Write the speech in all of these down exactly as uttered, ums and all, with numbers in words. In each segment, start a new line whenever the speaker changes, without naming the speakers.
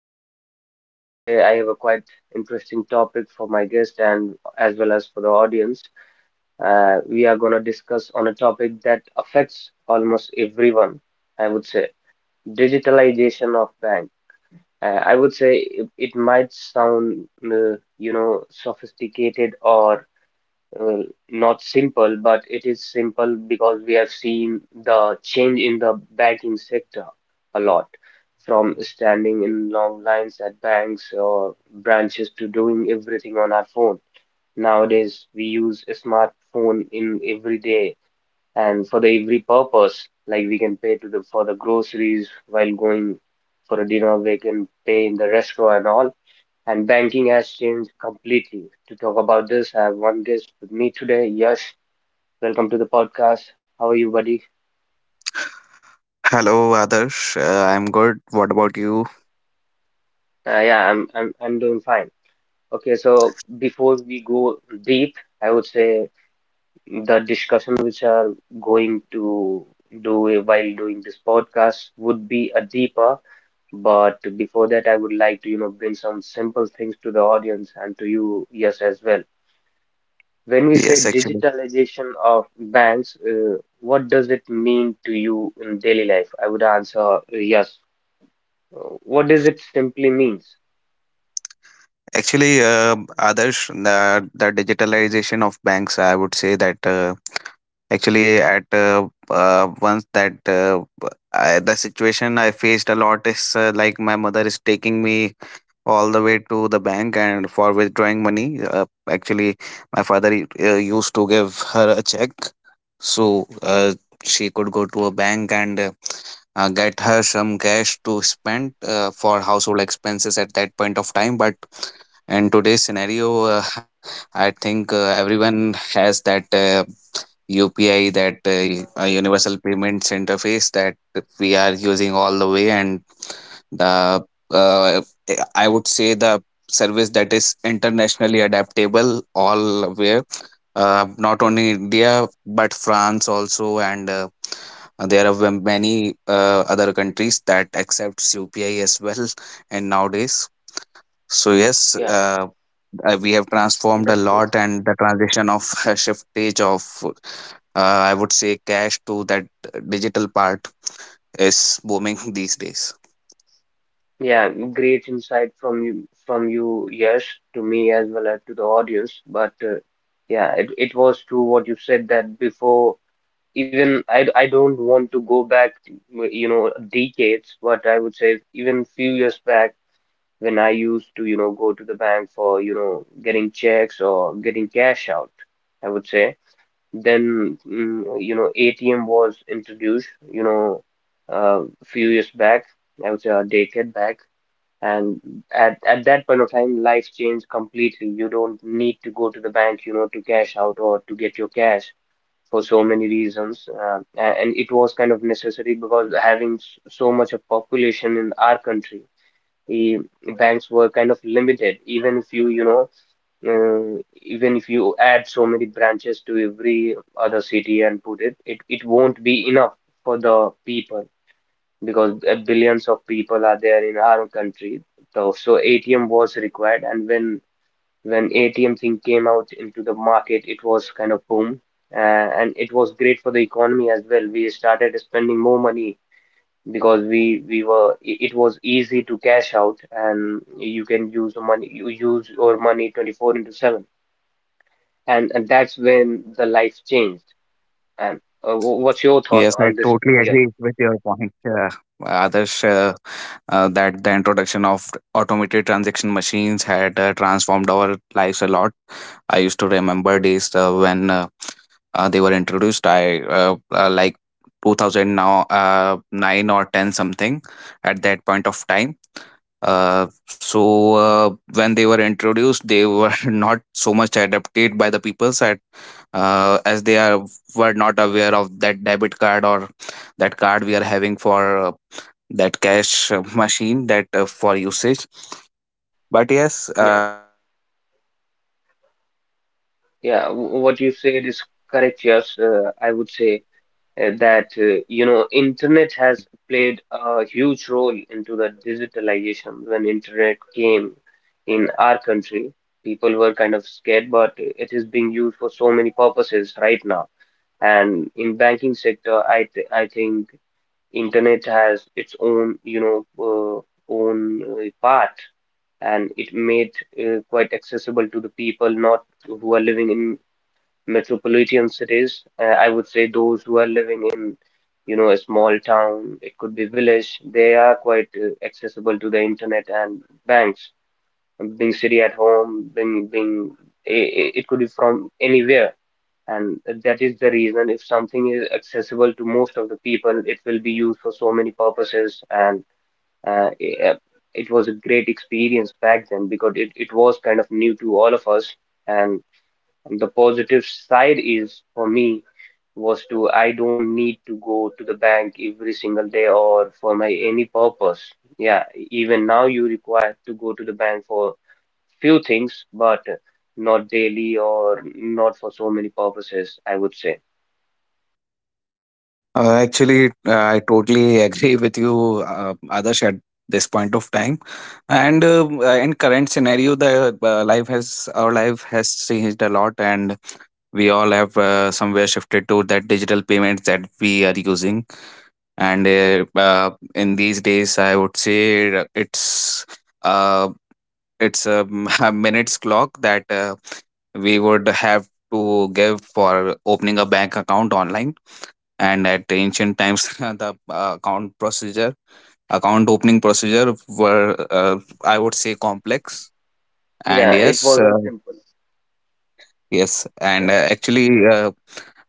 Adarsh, and today I have a quite interesting topic for my guest and as well as for the audience. Uh, we are going to discuss on a topic that affects almost everyone, I would say, digitalization of bank. Uh, I would say it, it might sound, uh, you know, sophisticated or uh, not simple, but it is simple because we have seen the change in the banking sector a lot, from standing in long lines at banks or branches to doing everything on our phone. Nowadays, we use a smartphone in every day and for the every purpose, like we can pay to the for the groceries while going for a dinner, we can pay in the restaurant and all and banking has changed completely. To talk about this, I have one guest with me today. Yes, welcome to the podcast. How are you, buddy?
Hello, Adarsh. Uh, I'm good. What about you?
Uh, yeah, I'm I'm I'm doing fine. Okay, so before we go deep, I would say the discussion which are going to do while doing this podcast would be a deeper, but before that, I would like to, you know, bring some simple things to the audience and to you, yes, as well. When we
Yes,
say
actually,
digitalization of banks, uh, what does it mean to you in daily life? I would answer uh, yes. Uh, What does it simply means?
actually, uh, Adarsh, the the digitalization of banks, I would say that uh, actually at uh, uh, once that uh, I, the situation I faced a lot is uh, like my mother is taking me all the way to the bank and for withdrawing money. Uh, actually, my father uh, used to give her a check, so uh, she could go to a bank and uh, uh, get her some cash to spend uh, for household expenses at that point of time. But in today's scenario, uh, I think uh, everyone has that. Uh, U P I, that uh, uh, universal payments interface that we are using all the way, and the uh, I would say, the service that is internationally adaptable, all where uh, not
Yeah,
only India but France also, and uh, there are many uh, other countries that accepts U P I as well. And nowadays, so yes,
yeah, yes,
uh, uh, we have transformed a
that's true.
lot, and the transition of shiftage of, uh, I would say, cash to that digital part is booming these days.
Yeah. Great insight from you, from you, yes, to me as well as to the audience. But uh, yeah, it, it was true what you said that before. Even I, I don't want to go back, you know, decades, but I would say even few years back. When I used to, you know, go to the bank for, you know, getting checks or getting cash out, I would say. Then, mm, you know, A T M was introduced, you know, uh, few years back, I would say a decade back. And at, at that point of time, life changed completely. You don't need to go to the bank, you know, to cash out or to get your cash for so many reasons. Uh, a- and it was kind of necessary because having s- so much of population in our country, eh, banks were kind of limited, even if you you know uh, even if you add so many branches to every other city and put it it it won't be enough for the people, because uh, billions of people are there in our country. So so A T M was required, and when when A T M thing came out into the market it was kind of boom. Uh, and it was great for the economy as well. We started spending more money because we we were i- it was easy to cash out, and you can use the money, you use your money twenty four into seven, and and that's when the life changed. And uh, wh- what's your
Yes,
thought
I
on this?
totally agree
Yes.
with your point, uh, Adarsh, uh, uh, that the introduction of automated transaction machines had uh, transformed our lives a lot. I used to remember days uh, when uh, uh, they were introduced, I uh, uh, like two thousand, now uh, nine or ten something, at that point of time. Uh, so uh, when they were introduced, they were not so much adopted by the people. At uh, As they are were not aware of that debit card or that card we are having for uh, that cash uh, machine that uh, for usage. But yes,
Yeah.
uh, people have adapted a lot.
Yeah, wh- what you said is correct. Yes, uh, I would say uh, that uh, you know internet has played a huge role into the digitalization. When internet came in our country, people were kind of scared, but it is being used for so many purposes right now. And in banking sector, i th i think internet has its own you know uh, own uh, path, and it made uh, quite accessible to the people not who are living in metropolitan cities. Uh, I would say those who are living in, you know, a small town, it could be village, they are quite uh, accessible to the internet and banks. Um, Being city at home, being being i- i- it could be from anywhere, and that is the reason if something is accessible to most of the people, it will be used for so many purposes. And uh, i- uh, it was a great experience back then because it, it was kind of new to all of us and. The positive side is for me was to I don't need to go to the bank every single day or for my any purpose. Yeah, even now you require to go to the bank for few things, but not daily or not for so many purposes, I would say.
Uh, actually, uh, I totally agree with you, uh, Adarsh, at this point of time. And um, uh, in current scenario, the uh, life has our life has changed a lot, and we all have uh, somewhere shifted to that digital payments that we are using. And uh, uh, in these days, I would say it's uh, it's a, a minutes clock that uh, we would have to give for opening a bank account online. And at ancient times, the uh, account procedure account opening procedure were, uh, I would say, complex.
Yeah,
And
it
yes, uh,
wasn't simple.
yes
Yeah,
and uh, actually, uh,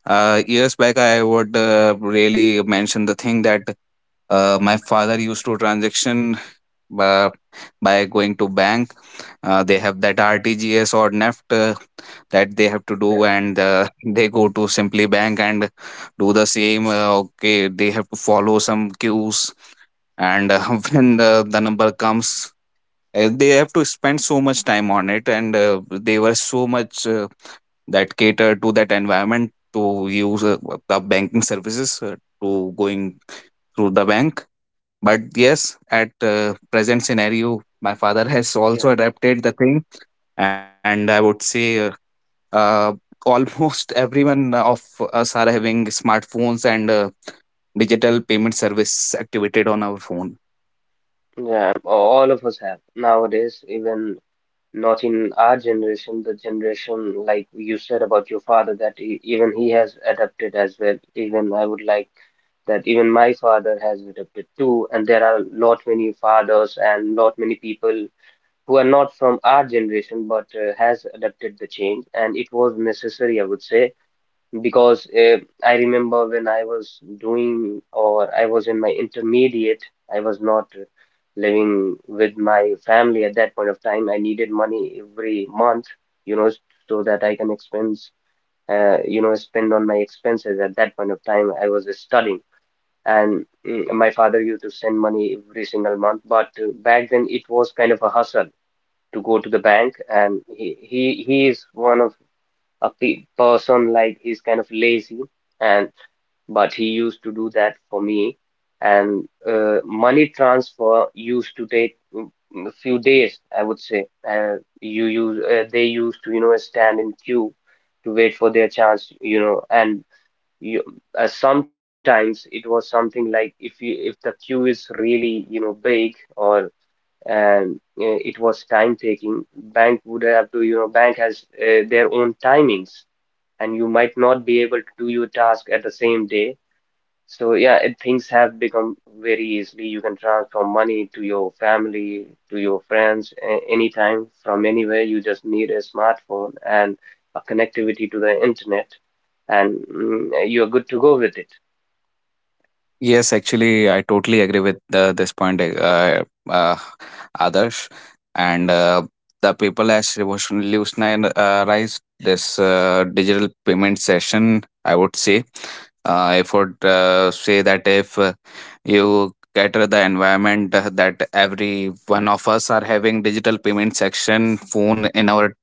uh, years back, I would uh, really mention the thing that uh, my father used to transaction uh, by going to bank. Uh, they have that R T G S or N E F T uh, that they have to do,
yeah,
and uh, they go to simply bank and do the same. Uh, okay, they have to follow some cues, and uh, when the, the number comes, uh, they have to spend so much time on it. And uh, they were so much uh, that cater to that environment to use uh, the banking services uh, to going through the bank. But yes, at uh, present scenario, my father has
yeah.
also adapted the thing. And I would say uh, uh, almost everyone of us are having smartphones and uh, digital payment service activated on our phone.
Yeah, all of us have nowadays, even not in our generation, the generation like you said about your father, that e even he has adapted as well. Even I would like that even my father has adapted too. And there are lot many fathers and lot many people who are not from our generation, but uh, has adapted the change, and it was necessary, I would say, because uh, I remember when I was doing or I was in my intermediate, I was not living with my family at that point of time. I needed money every month, you know, s- so that I can expense, uh, you know, spend on my expenses. At that point of time, I was studying, and mm, my father used to send money every single month. But uh, back then, it was kind of a hustle to go to the bank, and he he he is one of a pe person, like he's kind of lazy, and but he used to do that for me. And uh, money transfer used to take mm, a few days, I would say. Uh, you use uh, They used to, you know, stand in queue to wait for their chance, you know. And you, uh, sometimes it was something like if you if the queue is really, you know, big, or and uh, it was time taking, bank would have to, you know, bank has uh, their own timings, and you might not be able to do your task at the same day. So yeah, it, things have become very easily. You can transfer money to your family, to your friends, a- anytime from anywhere. You just need a smartphone and a connectivity to the internet, and mm, you're good to go with it.
Yes, actually, I totally agree with uh, this point, uh, uh, Adarsh. And uh, the people has revolutionized uh, this uh, digital payment session, I would say. Uh, I would uh, say that, if uh, you cater the environment uh, that every one of us are having digital payment section phone in our,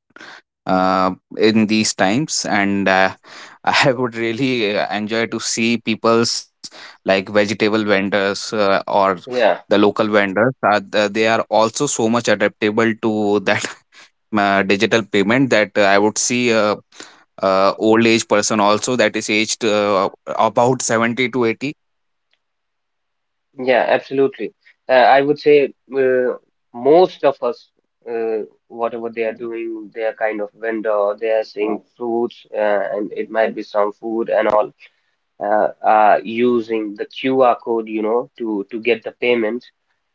uh, in these times. And uh, I would really uh, enjoy to see people's, like vegetable vendors uh, or
Yeah,
the local vendors, are the- they are also so much adaptable to that uh, digital payment that, uh, I would see a, uh old age person also that is aged uh, about seventy to eighty.
yeah, absolutely. Uh, I would say uh, most of us, uh, whatever they are doing, they are kind of vendor. They are seeing fruits, uh, and it might be some food and all, uh, uh, using the Q R code, you know, to to get the payment.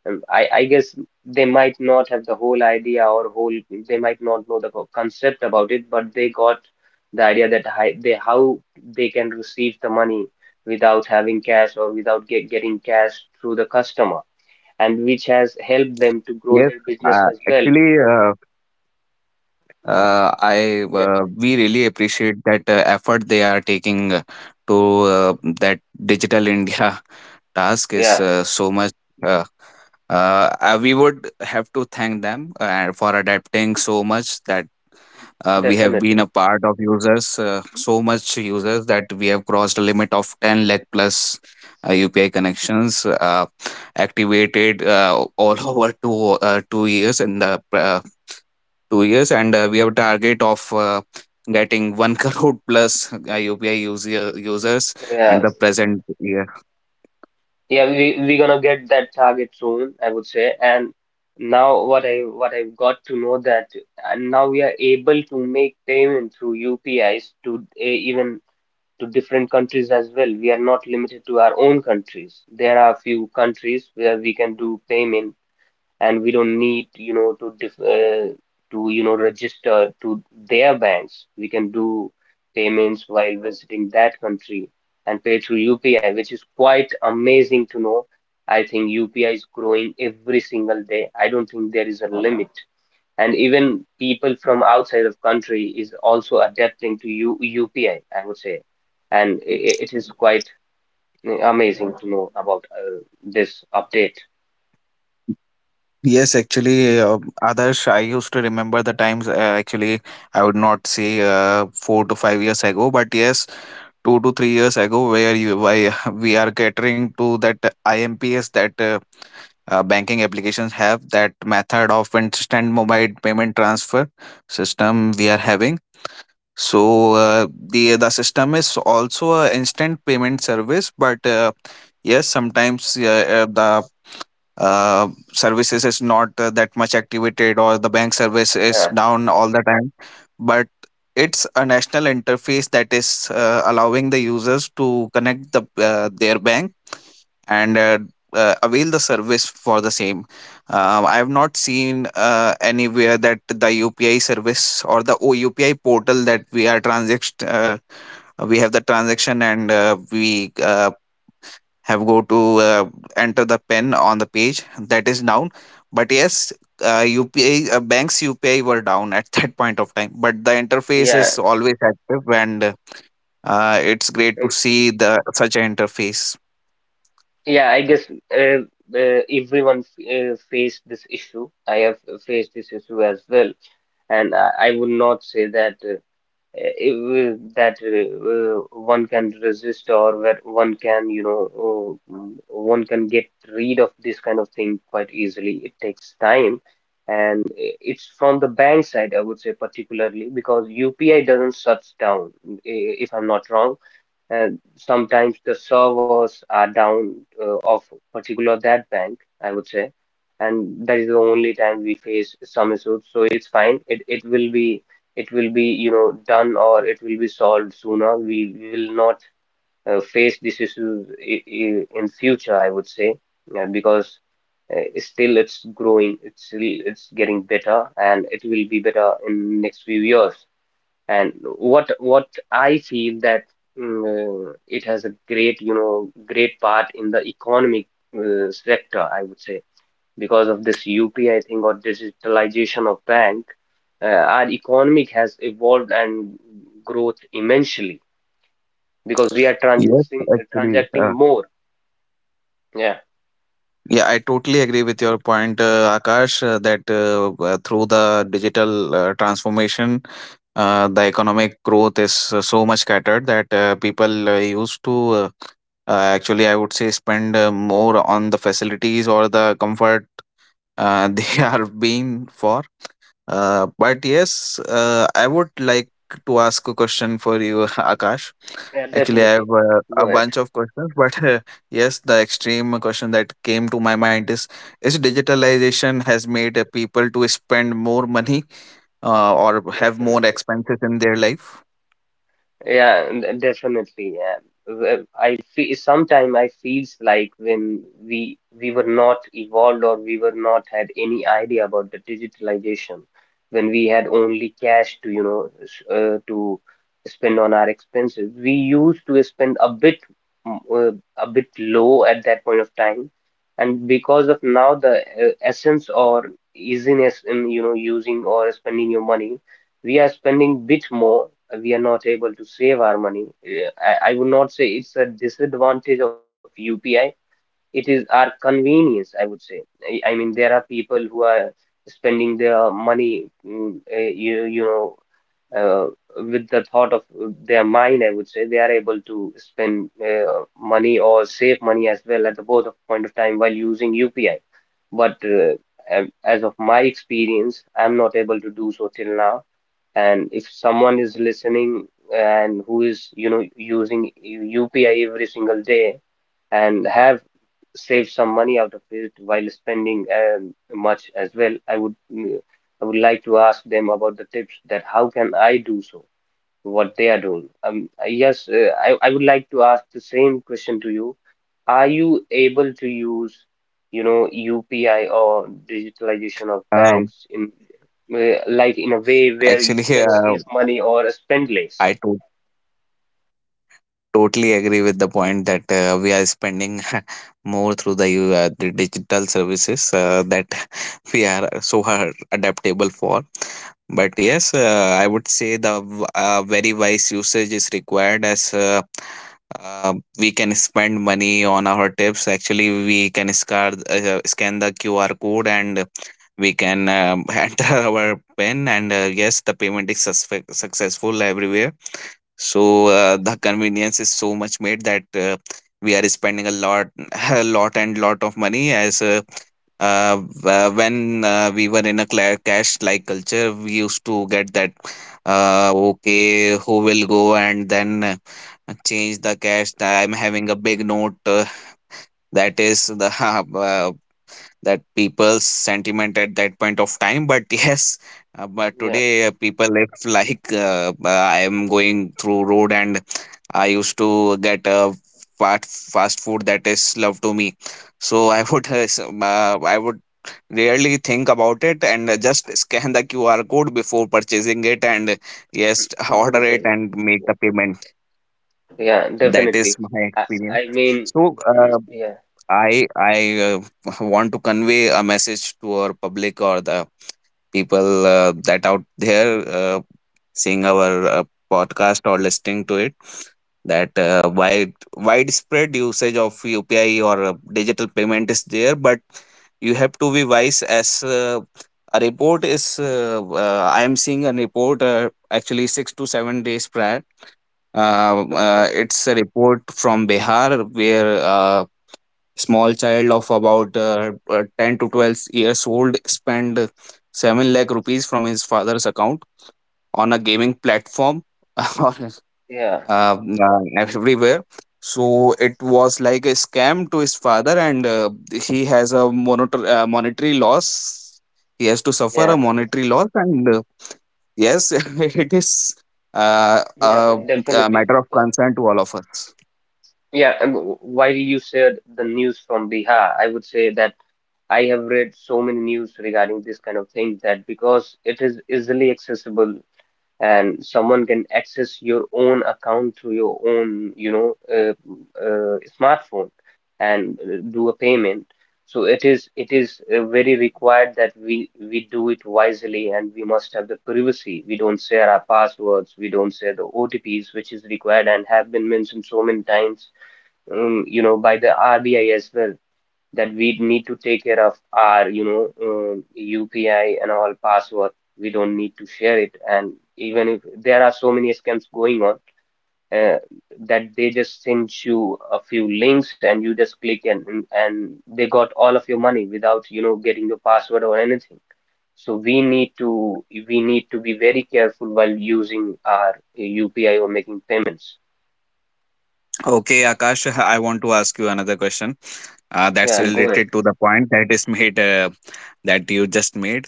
Um, I I guess they might not have the whole idea or whole, they might not know the co- concept about it, but they got the idea that hi- they how they can receive the money without having cash or without get, getting cash through the customer, and which has helped them to grow
Yes,
their business
uh,
as well.
actually, uh, uh, I
Yeah,
uh, we really appreciate that uh, effort they are taking uh, to uh, that digital India. Task
yeah,
is uh, much. Uh, uh, uh, we would have to thank them uh, for adapting so much that uh, we have been
definitely.
a part of users, uh, so much users that we have crossed a limit of ten lakh plus uh, U P I connections uh, activated uh, all over two uh, two years, in the uh, two years, and uh, we have target of uh, getting one crore plus uh, U P I user, users.
Yeah.
And the present year,
Yeah, we we gonna get that target soon, I would say. And now what I what I've got to know that, and now we are able to make payment through U P Is to eh, even to different countries as well. We are not limited to our own countries. There are a few countries where we can do payment, and we don't need you know to dif- uh, to you know register to their banks. We can do payments while visiting that country and pay through U P I, which is quite amazing to know. I think U P I is growing every single day. I don't think there is a limit, and even people from outside of country is also adapting to U UPI, I would say. And i i- it is quite uh, amazing to know about uh, this update.
yes, actually, uh, others, I used to remember the times. Uh, actually, I would not say uh, four to five years ago, but yes, two to three years ago, where you why we are catering to that I M P S, that uh, uh, banking applications have that method of instant mobile payment transfer system we are having. So uh, the the system is also a instant payment service. But uh, yes, sometimes uh, uh, the uh, services is not uh, that much activated, or the bank service is
Yeah.
down all the time. But it's a national interface that is uh, allowing the users to connect the uh, their bank and uh, uh, avail the service for the same. Um, I have not seen uh, anywhere that the U P I service or the U P I portal that we are transact, uh, we have the transaction and uh, we uh, have go to uh, enter the pin on the page that is down. But yes, uh, U P I, uh, banks U P I were down at that point of time, but the interface
Yeah.
is always active and. Uh, it's great to see the such an interface.
Yeah, I guess uh, uh, everyone f- uh, faced this issue. I have uh, faced this issue as well, and I, I would not say that uh, uh, it, will- that uh, uh, one can resist, or that one can, you know, uh, mm, one can get rid of this kind of thing quite easily. It takes time, and i- it's from the bank side, I would say, particularly because U P I doesn't shut down, i- if I'm not wrong. And sometimes the servers are down uh, of particular that bank, I would say, and that is the only time we face some issues. So it's fine. It it will be it will be you know done, or it will be solved sooner. We, we will not uh, face this issue i- i- in future, I would say, yeah, because uh, still it's growing, it's still it's getting better, and it will be better in next few years. And what what I feel that, mm, it has a great, you know, great part in the economic uh, sector, I would say, because of this U P I thing or digitalization of bank, uh, our economic has evolved and growth immensely because we are
Yes,
transacting
actually,
transacting more. Yeah,
yeah, I totally agree with your point, uh, Akash, uh, that uh, uh, through the digital uh, transformation, uh, the economic growth is uh, so much scattered that uh, people uh, used to uh, uh, actually, I would say, spend uh, more on the facilities or the comfort uh, they are being for. Uh, but yes, uh, I would like to ask a question for you, Akash.
yeah,
Actually, I
definitely.
have uh,
Go
a
ahead.
bunch of questions, but uh, yes, the extreme question that came to my mind is: is digitalization has made uh, people to spend more money uh, or have more
Definitely.
expenses in their life?
Yeah, and definitely. Yeah. Well, I feel sometime I feels like when we we were not evolved or we were not had any idea about the digitalization, when we had only cash to you know s- uh, to spend on our expenses, we used to spend a bit m- uh, a bit low at that point of time, and because of now the uh, essence or easiness in you know using or spending your money, we are spending bit more. We are not able to save our money. Eh, i, I would not say it's a disadvantage of U P I, it is our convenience, I would say. i, I mean, there are people who are spending their money mm, eh, you, you know uh, with the thought of their mind, I would say they are able to spend uh, money or save money as well at the both of point of time while using U P I, but uh, a- as of my experience I'm not able to do so till now. And if someone is listening and who is you know using U P I every single day and have saved some money out of it while spending um, much as well, I would mm, I would like to ask them about the tips that how can I do so, what they are doing. Um, yes, uh, I, I would like to ask the same question to you. Are you able to use, you know, U P I or digitalization of
Um,
banks in uh, like in a way where you
actually,
can save
uh,
money or spend less?
I totally agree with the point that uh, we are spending more through the u- uh, the digital services uh, that we are so hard adaptable for. But yes, uh, I would say the v- uh, very wise usage is required as uh, uh, we can spend money on our tips. Actually, we can scan, uh, scan the Q R code and we can um, enter our pin, and uh, yes, the payment is suspe- successful everywhere. So uh, the convenience is so much made that uh, we are spending a lot, a lot and lot of money. As uh, uh, uh, when uh, we were in a cla- cash like culture, we used to get that, uh, okay, who will go and then uh, change the cash? I'm having a big note. Uh, that is the uh, that people's sentiment at that point of time. But yes, uh, but
Yeah,
today uh, people, if like uh, I am going through road and I used to get uh, fast fast food that is love to me. So I would uh, s- uh, I would rarely think about it and uh, just scan the Q R code before purchasing it, and uh, yes,
mm, do the
order it
payment.
and make
Yeah,
the payment.
yeah,
That is
definitely.
my
I,
experience.
I mean,
So
mm,
uh,
yeah,
I I uh, want to convey a message to our public or the people uh, that out there uh, seeing our uh, podcast or listening to it, that uh, wide widespread usage of U P I or uh, digital payment is there, but you have to be wise. As uh, a report is, Uh, uh, I am seeing a report uh, actually six to seven days prior. Uh,
okay,
uh, it's a report from Bihar where uh, small child of about uh, uh, ten to twelve years old spent seven lakh rupees from his father's account on a gaming platform, or
yeah,
uh, uh, everywhere. So it was like a scam to his father, and uh, he has a monitor, uh, monetary loss he has to suffer
yeah,
a monetary loss. And uh, yes, it is uh, a,
yeah,
a
definitely.
matter of
Yeah.
concern to all of us.
Yeah, and w- while you said the news from Bihar, I would say that I have read so many news regarding this kind of thing that because it is easily accessible and someone can access your own account through your own, you know, uh, uh, smartphone and uh, do a payment. So it is it is uh, very required that we we do it wisely and we must have the privacy. We don't share our passwords, we don't share the O T Ps, which is required and have been mentioned so many times, um, you know, by the R B I as well, that we need to take care of our, you know, um, U P I and all password. We don't need to share it. And even if there are so many scams going on, uh, that they just send you a few links and you just click and and and they got all of your money without, you know, getting your password or anything. So we need to we need to be very careful while using our U P I or making payments.
Okay, Akash, I want to ask you another question uh, that's
Yeah, go ahead.
related to the point that is made, uh, that you just made.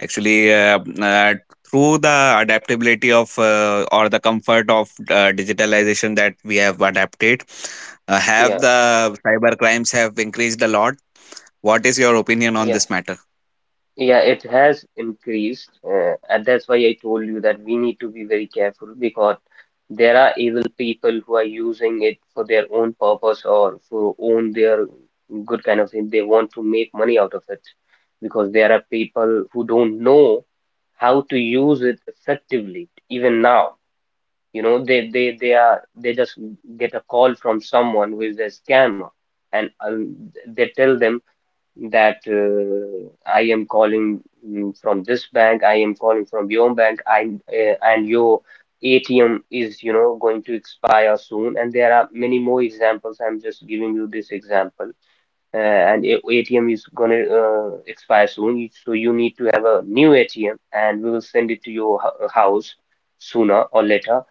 Actually, uh, uh, through the adaptability of uh, or the comfort of uh, digitalization that we have adapted, uh, have
Yeah,
the cyber crimes have increased a lot? What is your opinion on
yeah.
this matter?
Yeah, it has increased, uh, and that's why I told you that we need to be very careful because there are evil people who are using it for their own purpose or for own their good kind of thing. They want to make money out of it because there are people who don't know how to use it effectively. Even now, you know, they they they are they just get a call from someone who is a scammer, and um, they tell them that uh, I am calling mm, from this bank, I am calling from your bank, I uh, and your A T M is, you know, going to expire soon. And there are many more examples. I'm just giving you this example. Uh, and a- ATM is going to uh, expire soon, you- so you need to have a new A T M, and we will send it to your hou- house sooner or later.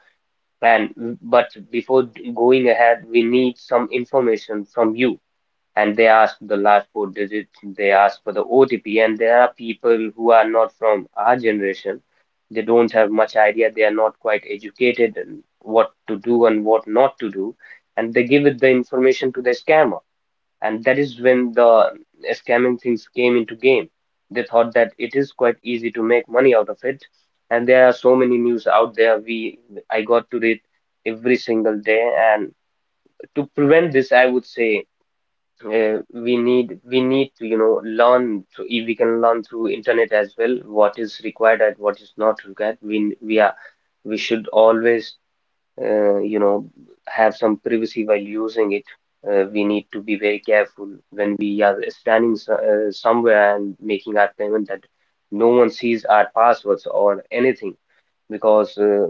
And but before d- going ahead, we need some information from you, and they ask the last four digits, they ask for the O T P, and there are people who are not from our generation. They don't have much idea, they are not quite educated in what to do and what not to do, and they give it the information to the scammer. And that is when the scamming things came into game. They thought that it is quite easy to make money out of it, and there are so many news out there. We I got to read every single day, and to prevent this, I would say uh, we need we need to you know learn through, if we can learn through internet as well what is required and what is not required. We we are we should always uh, you know have some privacy while using it. Uh, we need to be very careful when we are standing so- uh, somewhere and making our payment that no one sees our passwords or anything, because uh,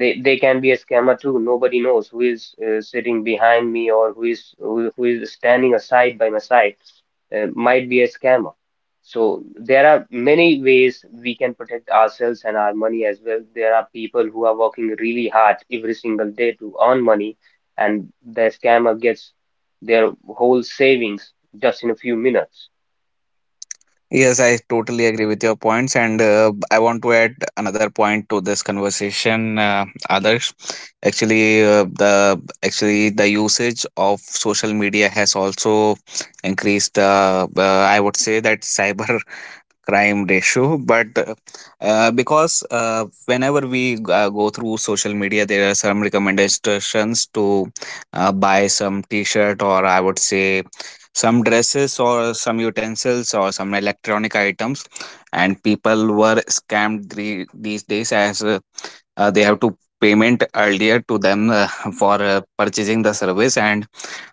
they they can be a scammer too. Nobody knows who is uh, sitting behind me or who is who, who is standing aside by my side, uh, might be a scammer. So there are many ways we can protect ourselves and our money as well. There are people who are working really hard every single day to earn money, and the scammer gets their whole savings just in a few minutes.
Yes, I totally agree with your points, and uh, I want to add another point to this conversation. Uh, others, actually, uh, the actually the usage of social media has also increased. Uh, uh, I would say that cyber crime ratio, but uh, because uh, whenever we uh, go through social media, there are some recommendations to uh, buy some t-shirt, or I would say some dresses or some utensils or some electronic items, and people were scammed the, these days, as uh, uh, they have to payment earlier to them, uh, for uh, purchasing the service, and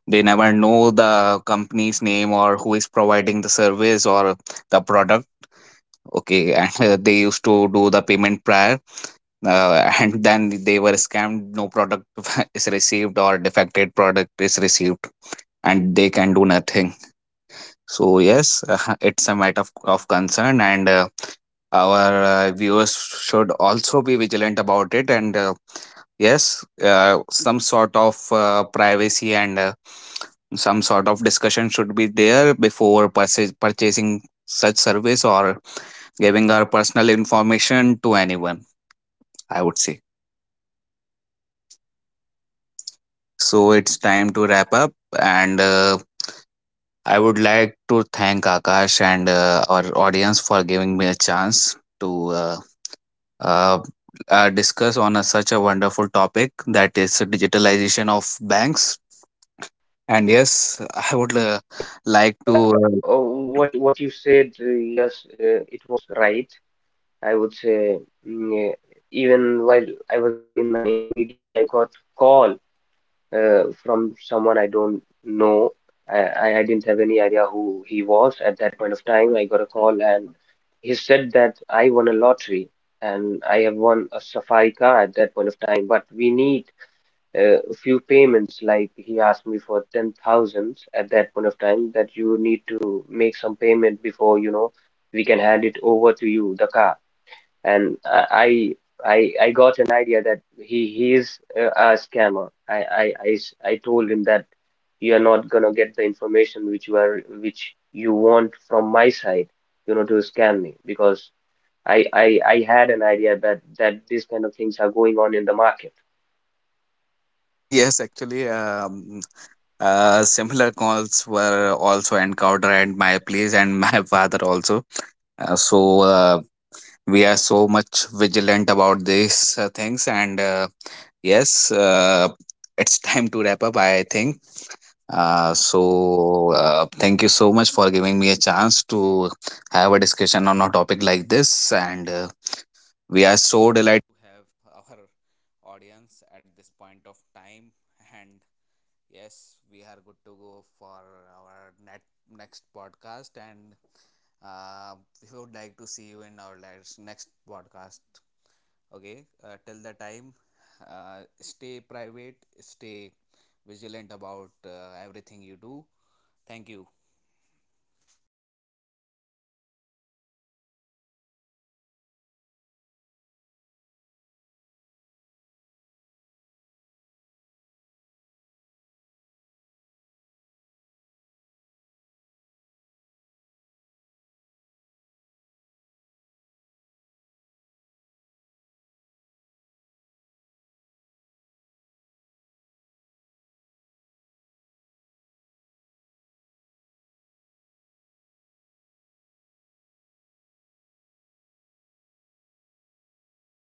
they never know the company's name or who is providing the service or the product. Okay, and uh, they used to do the payment prior, uh, and then they were scammed. No product is received or defected product is received, and they can do nothing. So yes, uh, it's a matter of, of concern, and uh, our uh, viewers should also be vigilant about it. And uh, yes, uh, some sort of uh, privacy and uh, some sort of discussion should be there before purchase, purchasing such service or giving our personal information to anyone, I would say. So it's time to wrap up, and uh, I would like to thank Akash and uh, our audience for giving me a chance to uh, uh, uh, discuss on a, such a wonderful topic, that is digitalization of banks. And yes, I would uh, like
Yeah,
to.
oh, what what you said, uh, yes, uh, it was right. I would say mm, uh, even while I was in my intermediate, I got call uh, from someone I don't know. I, I I didn't have any idea who he was at that point of time. I got a call and he said that I won a lottery and I have won a safari car at that point of time. But we need uh, few payments, like he asked me for ten thousand at that point of time, that you need to make some payment before you know we can hand it over to you the car. And I I I I got an idea that he he is uh, scammer. I, I I s- I told him that you are not gonna get the information which you are which you want from my side, you know, to scam me, because I I I had an idea that that these kind of things are going on in the market.
Uh, yes, actually, um, uh, similar calls were also encountered at my place and my father also. Uh, so uh, we are so much vigilant about these uh, things. And uh, yes, uh, it's time to wrap up, I think. Uh, so uh, thank you so much for giving me a chance to have a discussion on a topic like this. And uh, we are so delighted.